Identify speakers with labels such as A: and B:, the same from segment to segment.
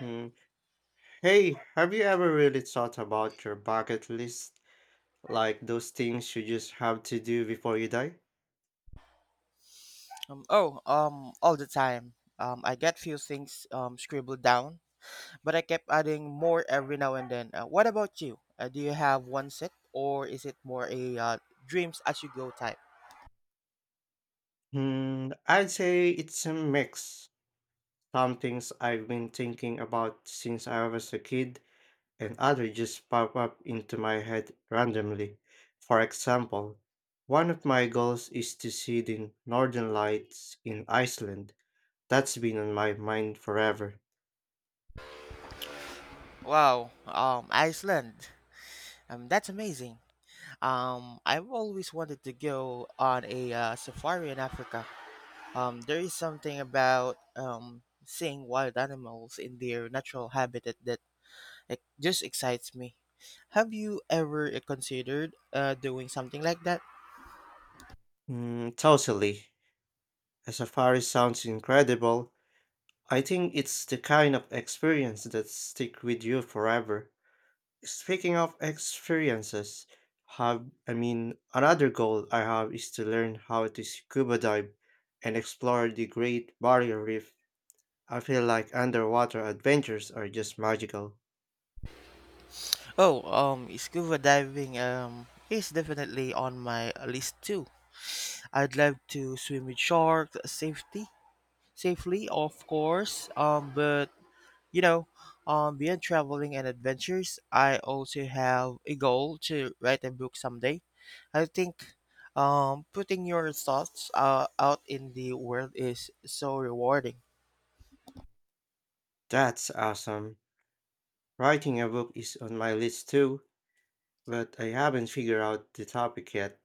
A: Hmm. Hey, have you ever really thought about your bucket list? Like those things you just have to do before you die?
B: Oh, all the time. I get few things scribbled down, but I kept adding more every now and then. What about you? Do you have one set, or is it more a dreams as you go type?
A: Hmm, I'd say it's a mix. Some things I've been thinking about since I was a kid, and others just pop up into my head randomly. For example, one of my goals is to see the northern lights in Iceland. That's been on my mind forever.
B: Wow, Iceland. That's amazing. I've always wanted to go on a safari in Africa. There is something about seeing wild animals in their natural habitat that It just excites me. Have you ever considered doing something like that?
A: Mm, totally. A safari sounds incredible. I think it's the kind of experience that stick with you forever. Speaking of experiences, have I mean another goal I have is to learn how to scuba dive and explore the Great Barrier Reef. I feel like underwater adventures are just magical.
B: Oh, Scuba diving is definitely on my list too. I'd love to swim with sharks safety safely, of course. But you know, beyond traveling and adventures, I also have a goal to write a book someday. I think putting your thoughts out in the world is so rewarding.
A: That's awesome. Writing a book is on my list too, but I haven't figured out the topic yet.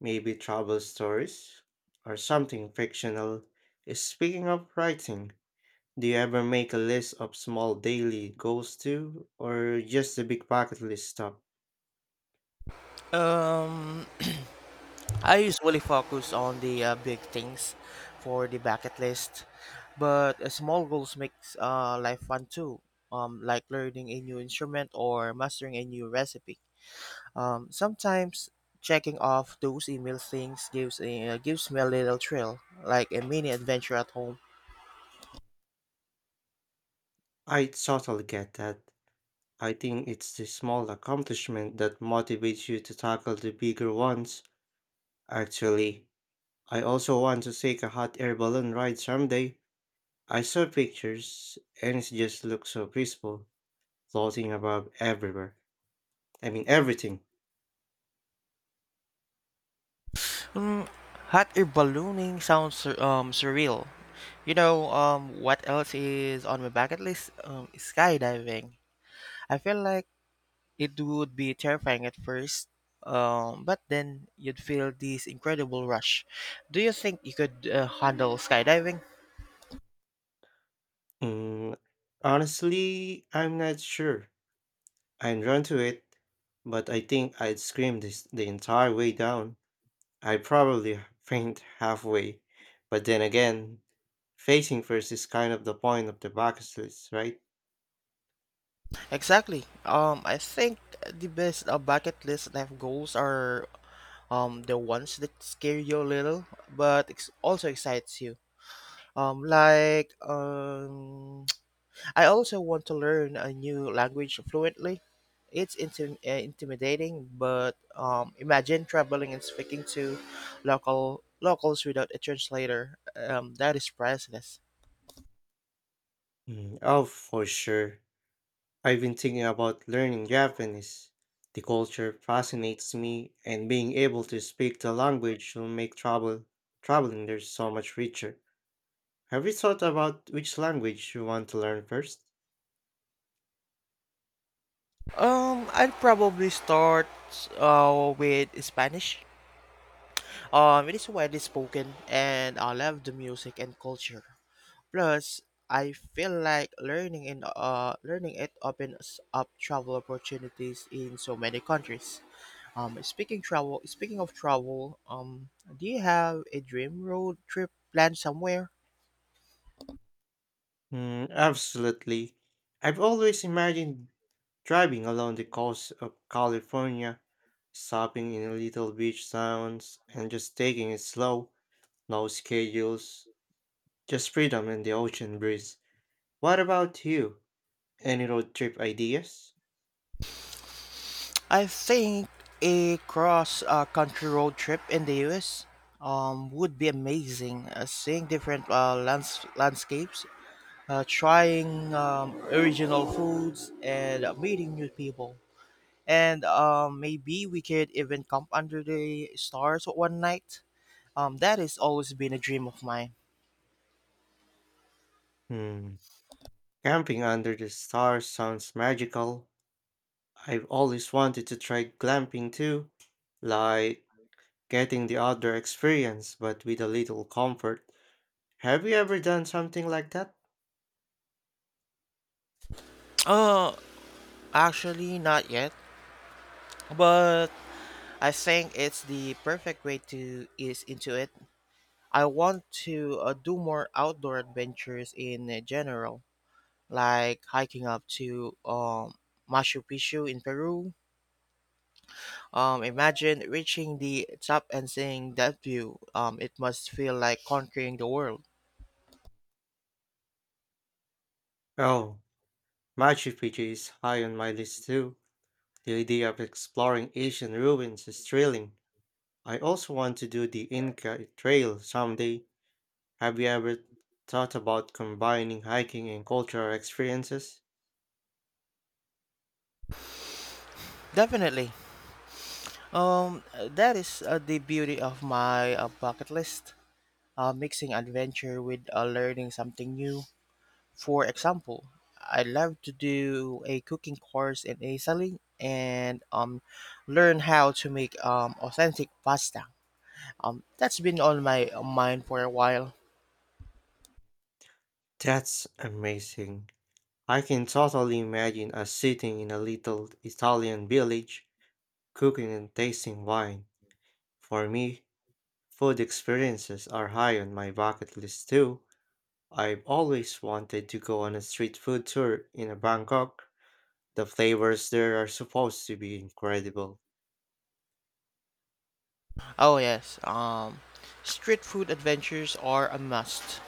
A: Maybe travel stories or something fictional. Speaking of writing, do you ever make a list of small daily goals too, or just the big bucket list stuff?
B: Um, I usually focus on the big things for the bucket list, but small goals makes life fun too. Like learning a new instrument or mastering a new recipe. Sometimes checking off those email things gives me a little thrill, like a mini adventure at home.
A: I totally get that. I think it's the small accomplishment that motivates you to tackle the bigger ones, actually. I also want to take a hot air balloon ride someday. I saw pictures and it just looks so peaceful, floating above everything.
B: Mm, hot air ballooning sounds surreal. You know what else is on my bucket list? Skydiving. I feel like It would be terrifying at first, but then you'd feel this incredible rush. Do you think you could handle skydiving?
A: Mm, honestly, I'm not sure. I'm drawn to it, but I think I'd scream this the entire way down. I'd probably faint halfway. But then again, facing first is kind of the point of the bucket list, right?
B: Exactly. I think the best bucket list life goals are the ones that scare you a little, but also excites you. Um, like um I also want to learn a new language fluently. It's intimidating, but imagine traveling and speaking to locals without a translator. That is priceless.
A: Mm, oh, for sure. I've been thinking about learning Japanese. The culture fascinates me, and being able to speak the language will make traveling there so much richer. Have you thought about which language you want to learn first?
B: I'd probably start with Spanish. It is widely spoken, and I love the music and culture. Plus, I feel like learning it opens up travel opportunities in so many countries. Speaking of travel, do you have a dream road trip planned somewhere?
A: Mm, absolutely. I've always imagined driving along the coast of California, stopping in little beach towns, and just taking it slow, no schedules, just freedom and the ocean breeze. What about you? Any road trip ideas?
B: I think a cross- country road trip in the US would be amazing. Seeing different landscapes, trying original foods, and meeting new people. And maybe we could even camp under the stars one night. That has always been a dream of mine.
A: Hmm. Camping under the stars sounds magical. I've always wanted to try glamping too, like getting the outdoor experience but with a little comfort. Have you ever done something like that?
B: Uh, Actually, not yet, but I think it's the perfect way to ease into it. I want to do more outdoor adventures in general, like hiking up to Machu Picchu in Peru. Imagine reaching the top and seeing that view. It must feel like conquering the world.
A: Oh, Machu Picchu is high on my list too. The idea of exploring ancient ruins is thrilling. I also want to do the Inca Trail someday. Have you ever thought about combining hiking and cultural experiences?
B: Definitely. That is the beauty of my bucket list. Mixing adventure with learning something new. For example, I'd love to do a cooking course in Italy and learn how to make authentic pasta. That's been on my mind for a while.
A: That's amazing. I can totally imagine us sitting in a little Italian village, cooking and tasting wine. For me, food experiences are high on my bucket list too. I've always wanted to go on a street food tour in a Bangkok. The flavors there are supposed to be incredible.
B: Oh yes, street food adventures are a must.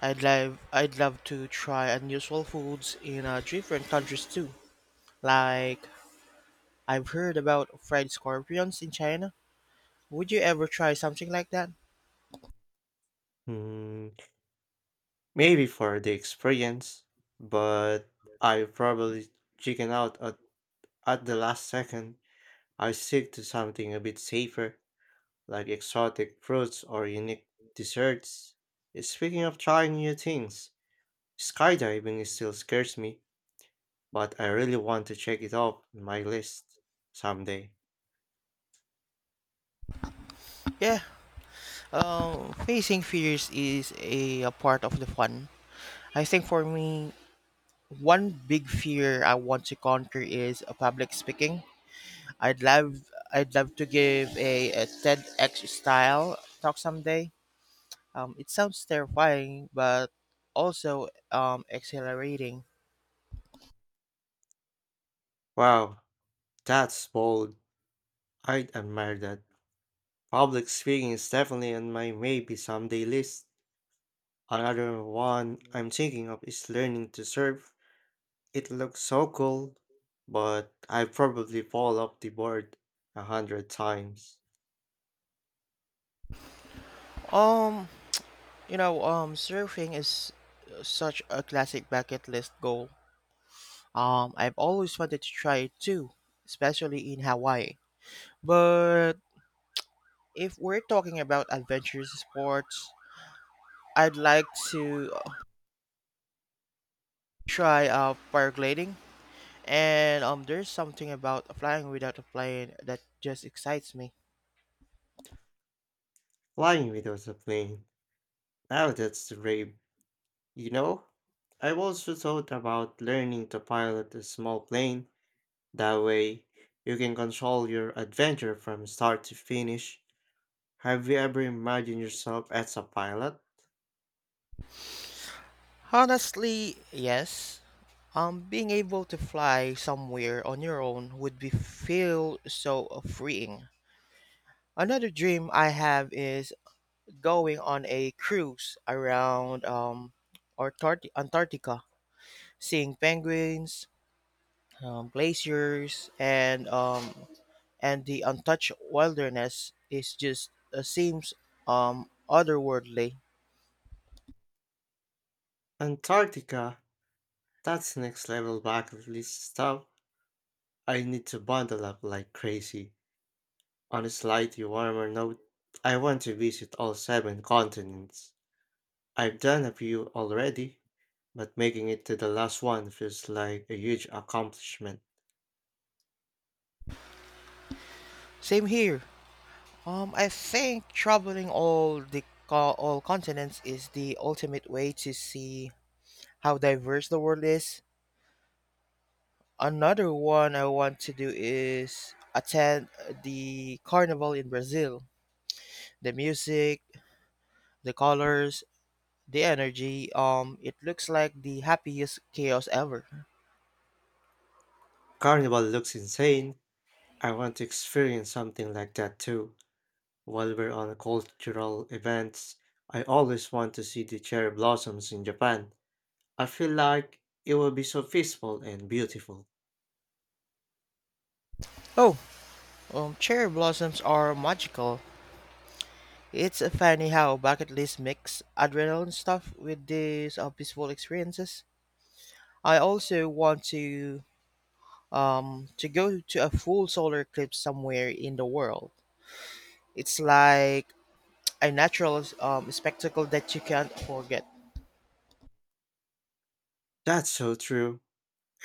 B: I'd love to try unusual foods in different countries too. Like I've heard about fried scorpions in China. Would you ever try something like that?
A: Hmm, maybe for the experience, but I probably chicken out at the last second. I stick to something a bit safer like exotic fruits or unique desserts. Speaking of trying new things, skydiving is still scares me, but I really want to check it off on my list someday.
B: Yeah, facing fears is a part of the fun. I think for me, one big fear I want to conquer is public speaking. I'd love, I'd love to give a TEDx style talk someday. It sounds terrifying, but also exhilarating.
A: Wow, that's bold. I'd admire that. Public speaking is definitely on my maybe someday list. Another one I'm thinking of is learning to surf. It looks so cool, but I probably fall off the board a hundred times.
B: Um, you know, surfing is such a classic bucket list goal. I've always wanted to try it too, especially in Hawaii. But if we're talking about adventurous sports, I'd like to try paragliding. And there's something about flying without a plane that just excites me.
A: Flying without a plane. Now that's brave. You know, I've also thought about learning to pilot a small plane. That way, you can control your adventure from start to finish. Have you ever imagined yourself as a pilot?
B: Honestly, yes. Being able to fly somewhere on your own would be feel so freeing. Another dream I have is going on a cruise around Antarctica, seeing penguins, glaciers, and the untouched wilderness is just seems otherworldly.
A: Antarctica, that's next level bucket list stuff. I need to bundle up like crazy. On a slightly warmer note, I want to visit all seven continents. I've done a few already, but making it to the last one feels like a huge accomplishment.
B: Same here. I think traveling all the all continents is the ultimate way to see how diverse the world is. Another one I want to do is attend the carnival in Brazil. The music, the colors, the energy. It looks like the happiest chaos ever.
A: Carnival looks insane. I want to experience something like that too. While we're on cultural events, I always want to see the cherry blossoms in Japan. I feel like it will be so peaceful and beautiful.
B: Oh, cherry blossoms are magical. It's funny how bucket list mix adrenaline stuff with these peaceful experiences. I also want to go to a full solar eclipse somewhere in the world. It's like a natural spectacle that you can't forget.
A: That's so true.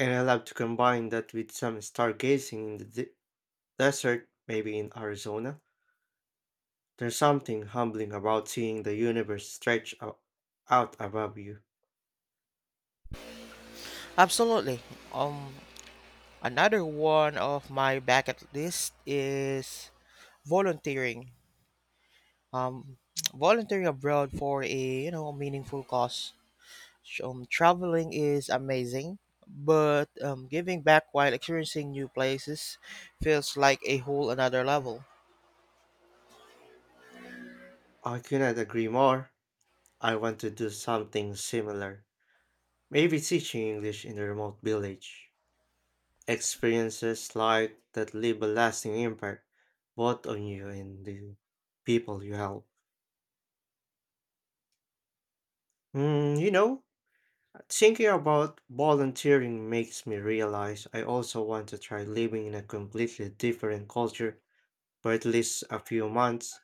A: And I love to combine that with some stargazing in the desert, maybe in Arizona. There's something humbling about seeing the universe stretch out above you.
B: Absolutely. Um, Another one of my bucket list is volunteering. Um, Volunteering abroad for a meaningful cause. Traveling is amazing, but giving back while experiencing new places feels like a whole another level.
A: I cannot agree more. I want to do something similar. Maybe teaching English in a remote village. Experiences like that leave a lasting impact, both on you and the people you help. Mm, you know, thinking about volunteering makes me realize I also want to try living in a completely different culture for at least a few months.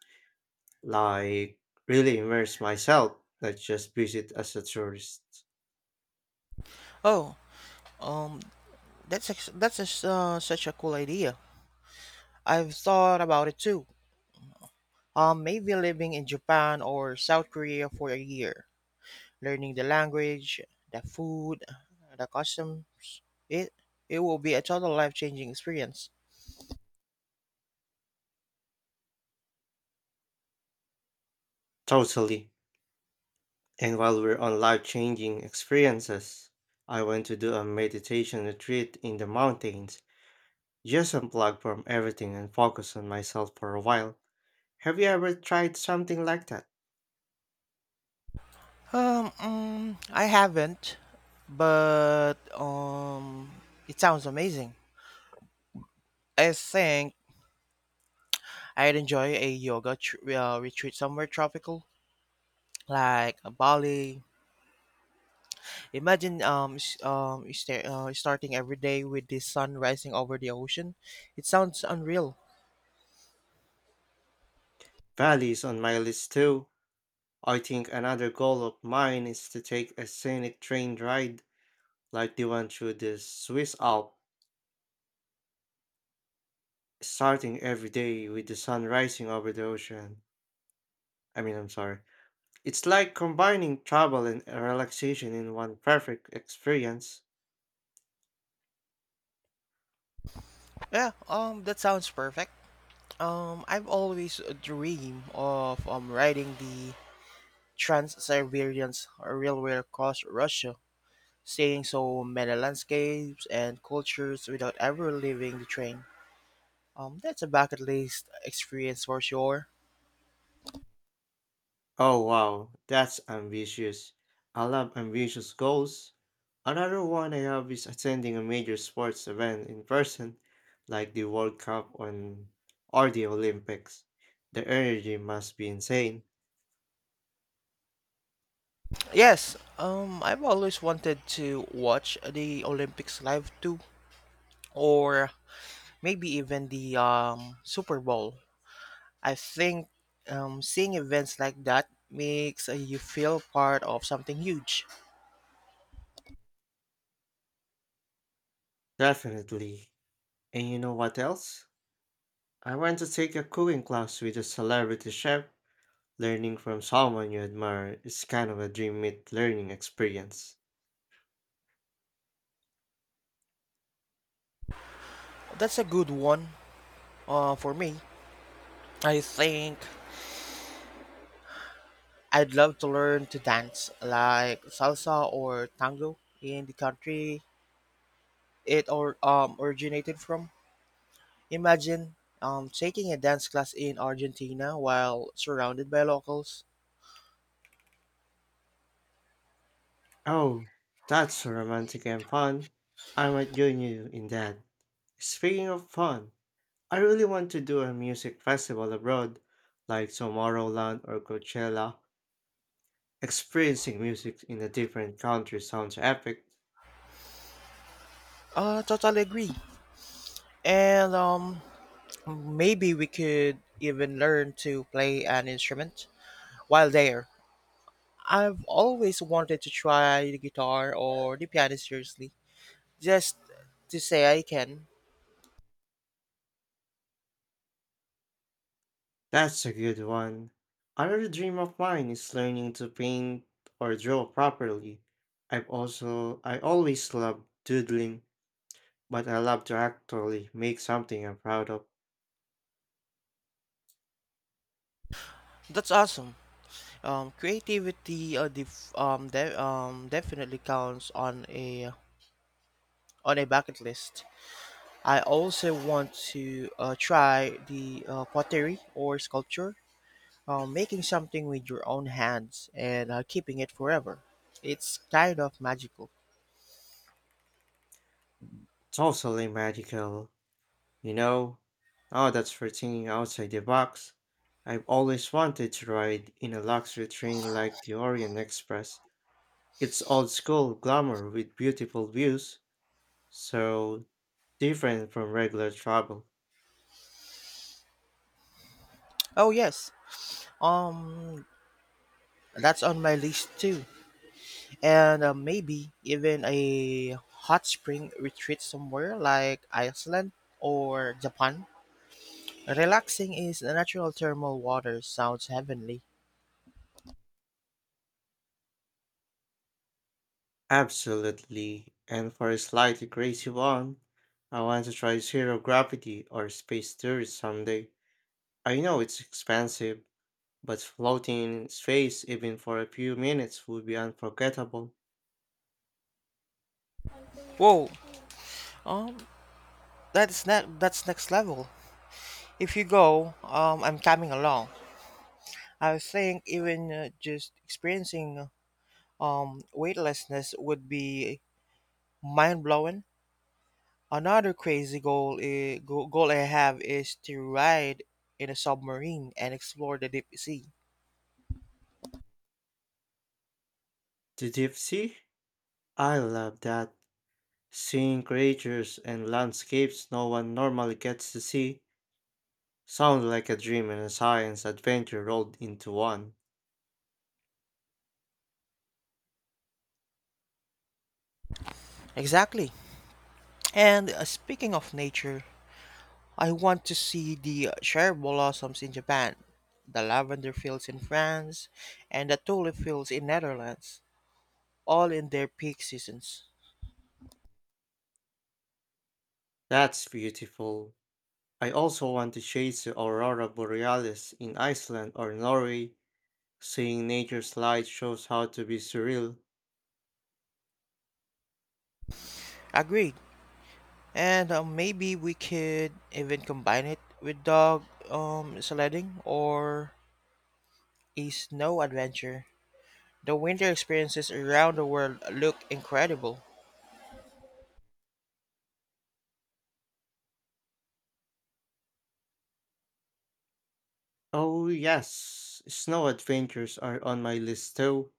A: Like really immerse myself, not just visit as a tourist.
B: Oh, um, that's that's a s such a cool idea. I've thought about it too. Maybe living in Japan or South Korea for a year, learning the language, the food, the custom. It it will be a total life changing experience.
A: Totally. And while we're on life changing experiences, I went to do a meditation retreat in the mountains, just unplug from everything and focus on myself for a while. Have you ever tried something like that?
B: I haven't, but um, it sounds amazing. I think I'd enjoy a yoga retreat somewhere tropical, like Bali. Imagine starting every day with the sun rising over the ocean. It sounds unreal.
A: Bali is on my list too. I think another goal of mine is to take a scenic train ride like the one through the Swiss Alps, starting every day with the sun rising over the ocean. I mean, I'm sorry. It's like combining travel and relaxation in one perfect experience.
B: Yeah, that sounds perfect. I've always dreamed of riding the Trans-Siberian railway across Russia, seeing so many landscapes and cultures without ever leaving the train. That's a bucket list experience for sure.
A: Oh wow, that's ambitious. I love ambitious goals. Another one I have is attending a major sports event in person, like the World Cup on, or the Olympics. The energy must be insane.
B: Yes, I've always wanted to watch the Olympics live too, or maybe even the Super Bowl. I think seeing events like that makes you feel part of something huge.
A: Definitely. And you know what else? I went to take a cooking class with a celebrity chef. Learning from someone you admire is kind of a dream meet learning experience.
B: That's a good one for me. I think I'd love to learn to dance like salsa or tango in the country it or originated from. Imagine taking a dance class in Argentina while surrounded by locals.
A: Oh, that's so romantic and fun. I might join you in that. Speaking of fun, I really want to do a music festival abroad, like Tomorrowland or Coachella. Experiencing music in a different country sounds epic.
B: Totally agree. And maybe we could even learn to play an instrument while there. I've always wanted to try the guitar or the piano seriously, just to say I can.
A: That's a good one. Another dream of mine is learning to paint or draw properly. I always loved doodling, but I love to actually make something I'm proud of.
B: That's awesome. Creativity definitely counts on a bucket list. I also want to try the pottery or sculpture, making something with your own hands and keeping it forever. It's kind of magical.
A: It's totally magical, you know. Now that's for thinking outside the box. I've always wanted to ride in a luxury train like the Orient Express. It's old school glamour with beautiful views, so different from regular travel.
B: Oh yes, um, that's on my list too, and maybe even a hot spring retreat somewhere like Iceland or Japan. Relaxing is the natural thermal water sounds heavenly.
A: Absolutely. And for a slightly crazy one, I want to try zero gravity or space tourist someday. I know it's expensive, but floating in space even for a few minutes would be unforgettable.
B: Whoa, um, that's that's next level. If you go, I'm coming along. I think even just experiencing weightlessness would be mind blowing. Another crazy goal I have is to ride in a submarine and explore the deep sea.
A: The deep sea? I love that. Seeing creatures and landscapes no one normally gets to see sounds like a dream and a science adventure rolled into one.
B: Exactly. And speaking of nature, I want to see the cherry blossoms in Japan, the lavender fields in France, and the tulip fields in Netherlands, all in their peak seasons.
A: That's beautiful. I also want to chase the aurora borealis in Iceland or Norway. Seeing nature's light shows how to be surreal.
B: Agreed. And maybe we could even combine it with dog sledding or a snow adventure. The winter experiences around the world look incredible.
A: Oh yes, snow adventures are on my list too.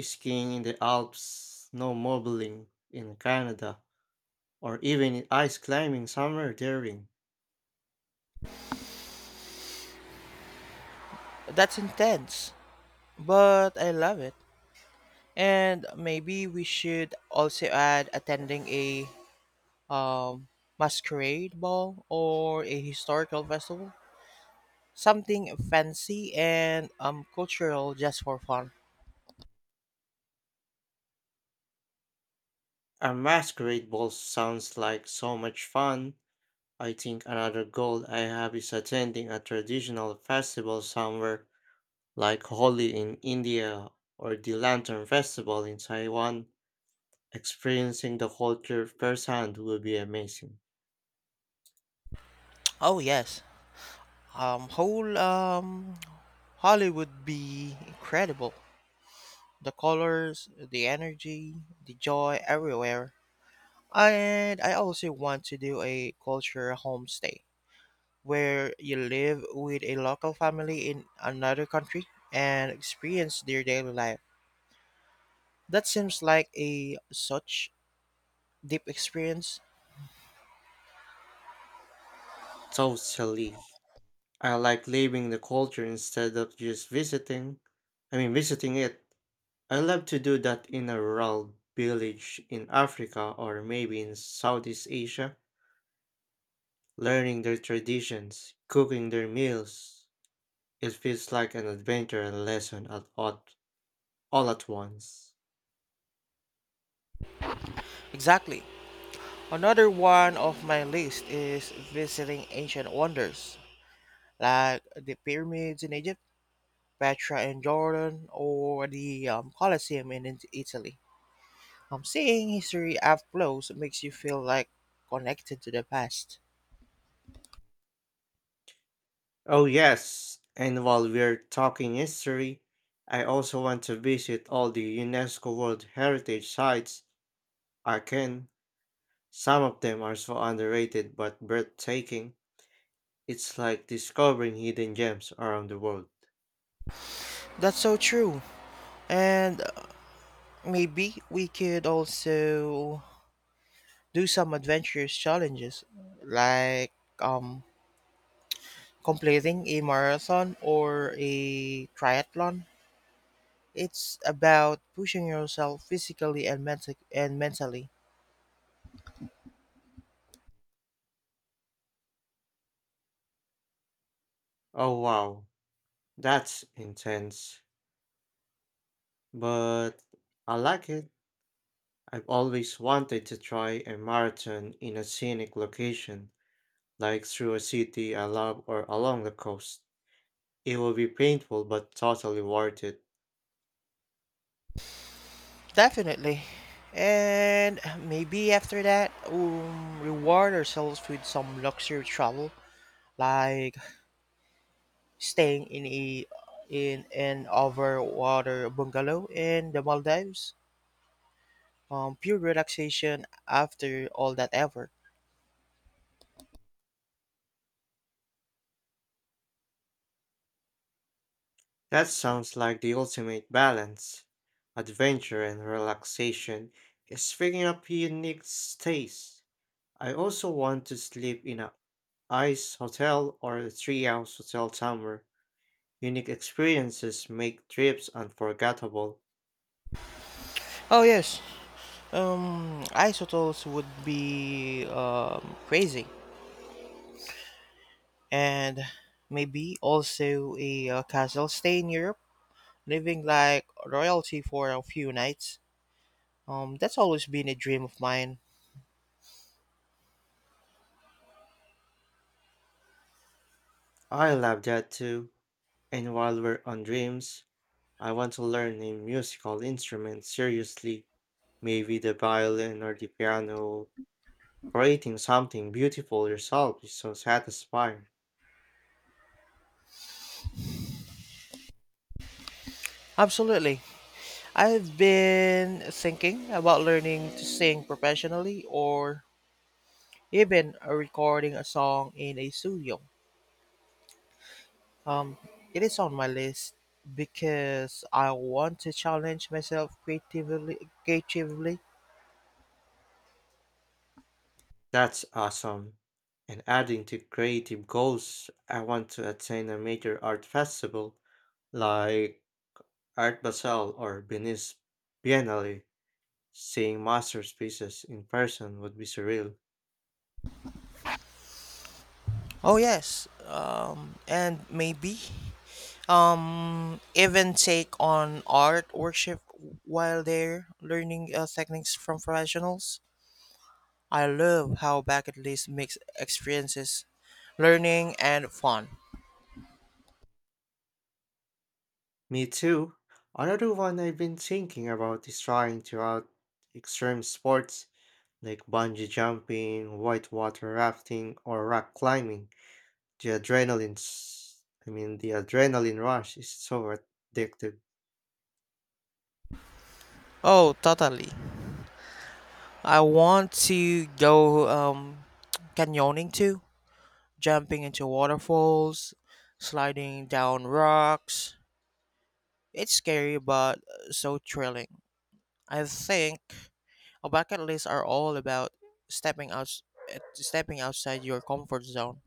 A: Skiing in the Alps, snowmobiling in Canada, or even ice climbing somewhere daring.
B: That's intense, but I love it. And maybe we should also add attending a um, masquerade ball or a historical festival. Something fancy and cultural just for fun.
A: A masquerade ball sounds like so much fun. I think another goal I have is attending a traditional festival somewhere like Holi in India or the Lantern Festival in Taiwan, experiencing the culture firsthand will be amazing.
B: Oh yes, whole Hollywood be incredible. The colors, the energy, the joy everywhere. And I also want to do a culture homestay where you live with a local family in another country and experience their daily life. That seems like a such deep experience.
A: Totally. I like living the culture instead of just visiting it. I love to do that in a rural village in Africa or maybe in Southeast Asia, learning their traditions, cooking their meals. It feels like an adventure and lesson all at once.
B: Exactly. Another one of my list is visiting ancient wonders like the pyramids in Egypt, Petra in Jordan, or the Colosseum in Italy. Seeing history up close makes you feel like connected to the past.
A: Oh, yes. And while we're talking history, I also want to visit all the UNESCO World Heritage Sites I can. Some of them are so underrated but breathtaking. It's like discovering hidden gems around the world.
B: That's so true. And maybe we could also do some adventurous challenges like um, completing a marathon or a triathlon. It's about pushing yourself physically and mentally.
A: Oh, wow. That's intense. But I like it. I've always wanted to try a marathon in a scenic location, like through a city I love or along the coast. It will be painful but totally worth it.
B: Definitely. And maybe after that, reward ourselves with some luxury travel, like staying in a in an overwater bungalow in the Maldives. Pure relaxation after all that effort.
A: That sounds like the ultimate balance. Adventure and relaxation. Speaking of unique stays, I also want to sleep in a ice hotel or a treehouse hotel somewhere. Unique experiences make trips unforgettable.
B: Oh yes. Isotopes would be crazy, and maybe also a castle stay in Europe, living like royalty for a few nights. That's always been a dream of mine.
A: I love that too. And while we're on dreams, I want to learn a musical instrument seriously. Maybe the violin or the piano. Creating something beautiful yourself is so satisfying.
B: Absolutely. I've been thinking about learning to sing professionally or even recording a song in a studio. Um, it is on my list because I want to challenge myself creatively.
A: That's awesome. And adding to creative goals, I want to attend a major art festival like Art Basel or Venice Biennale. Seeing masterpieces in person would be surreal.
B: Oh, yes. And maybe even take on art worship while they're learning techniques from professionals. I love how bucket list makes experiences learning and fun.
A: Me too. Another one I've been thinking about is trying to out extreme sports like bungee jumping, whitewater rafting, or rock climbing. The adrenaline rush is so addictive.
B: Oh totally, I want to go canyoning too, jumping into waterfalls, sliding down rocks. It's scary but so thrilling. I think a bucket lists are all about stepping out stepping outside your comfort zone.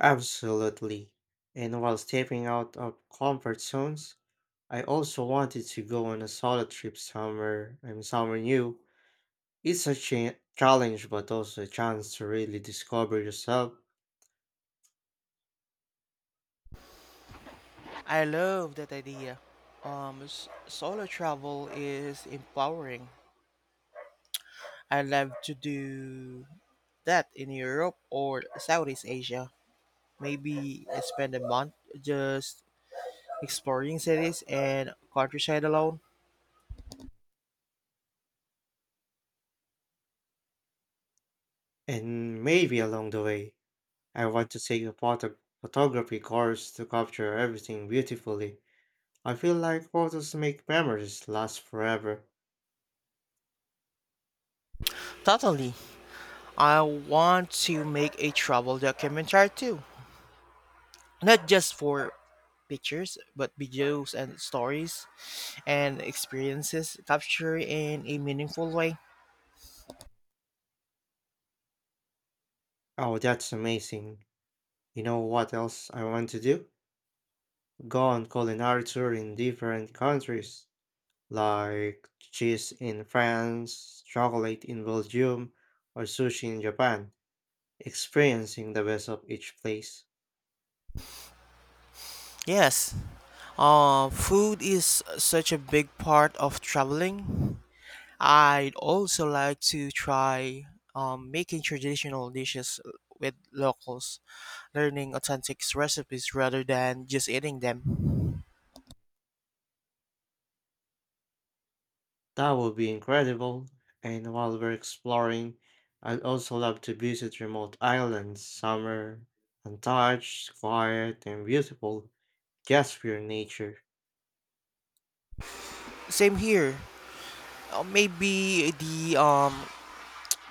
A: Absolutely. And while stepping out of comfort zones, I also wanted to go on a solo trip somewhere new. It's a challenge, but also a chance to really discover yourself.
B: I love that idea. Solo travel is empowering. I love to do that in Europe or Southeast Asia. Maybe I spend a month just exploring cities and countryside alone.
A: And maybe along the way, I want to take a photography course to capture everything beautifully. I feel like photos make memories last forever.
B: Totally. I want to make a travel documentary too, not just for pictures but videos and stories and experiences captured in a meaningful way.
A: Oh, that's amazing. You know what else I want to do? Go on culinary tour in different countries, like cheese in France, chocolate in Belgium, or sushi in Japan, experiencing the best of each place.
B: Yes, food is such a big part of traveling. I'd also like to try making traditional dishes with locals, learning authentic recipes rather than just eating them.
A: That would be incredible. And while we're exploring, I'd also love to visit remote islands, summer, untouched, quiet, and beautiful, just pure nature.
B: Same here. Maybe the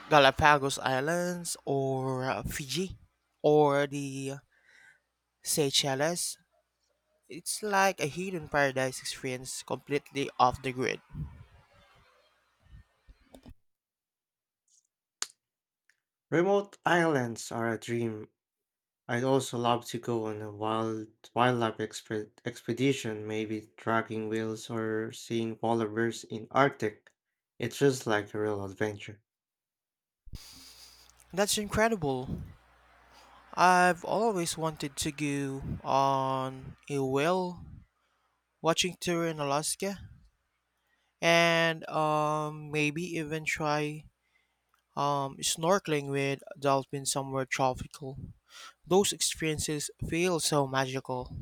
B: Galapagos Islands or Fiji or the Seychelles. It's like a hidden paradise experience completely off the grid.
A: Remote islands are a dream. I'd also love to go on a wildlife expedition, maybe tracking whales or seeing polar bears in Arctic. It feels like a real adventure.
B: That's incredible. I've always wanted to go on a whale watching tour in Alaska, and maybe even try snorkeling with dolphins somewhere tropical. Those experiences feel so magical.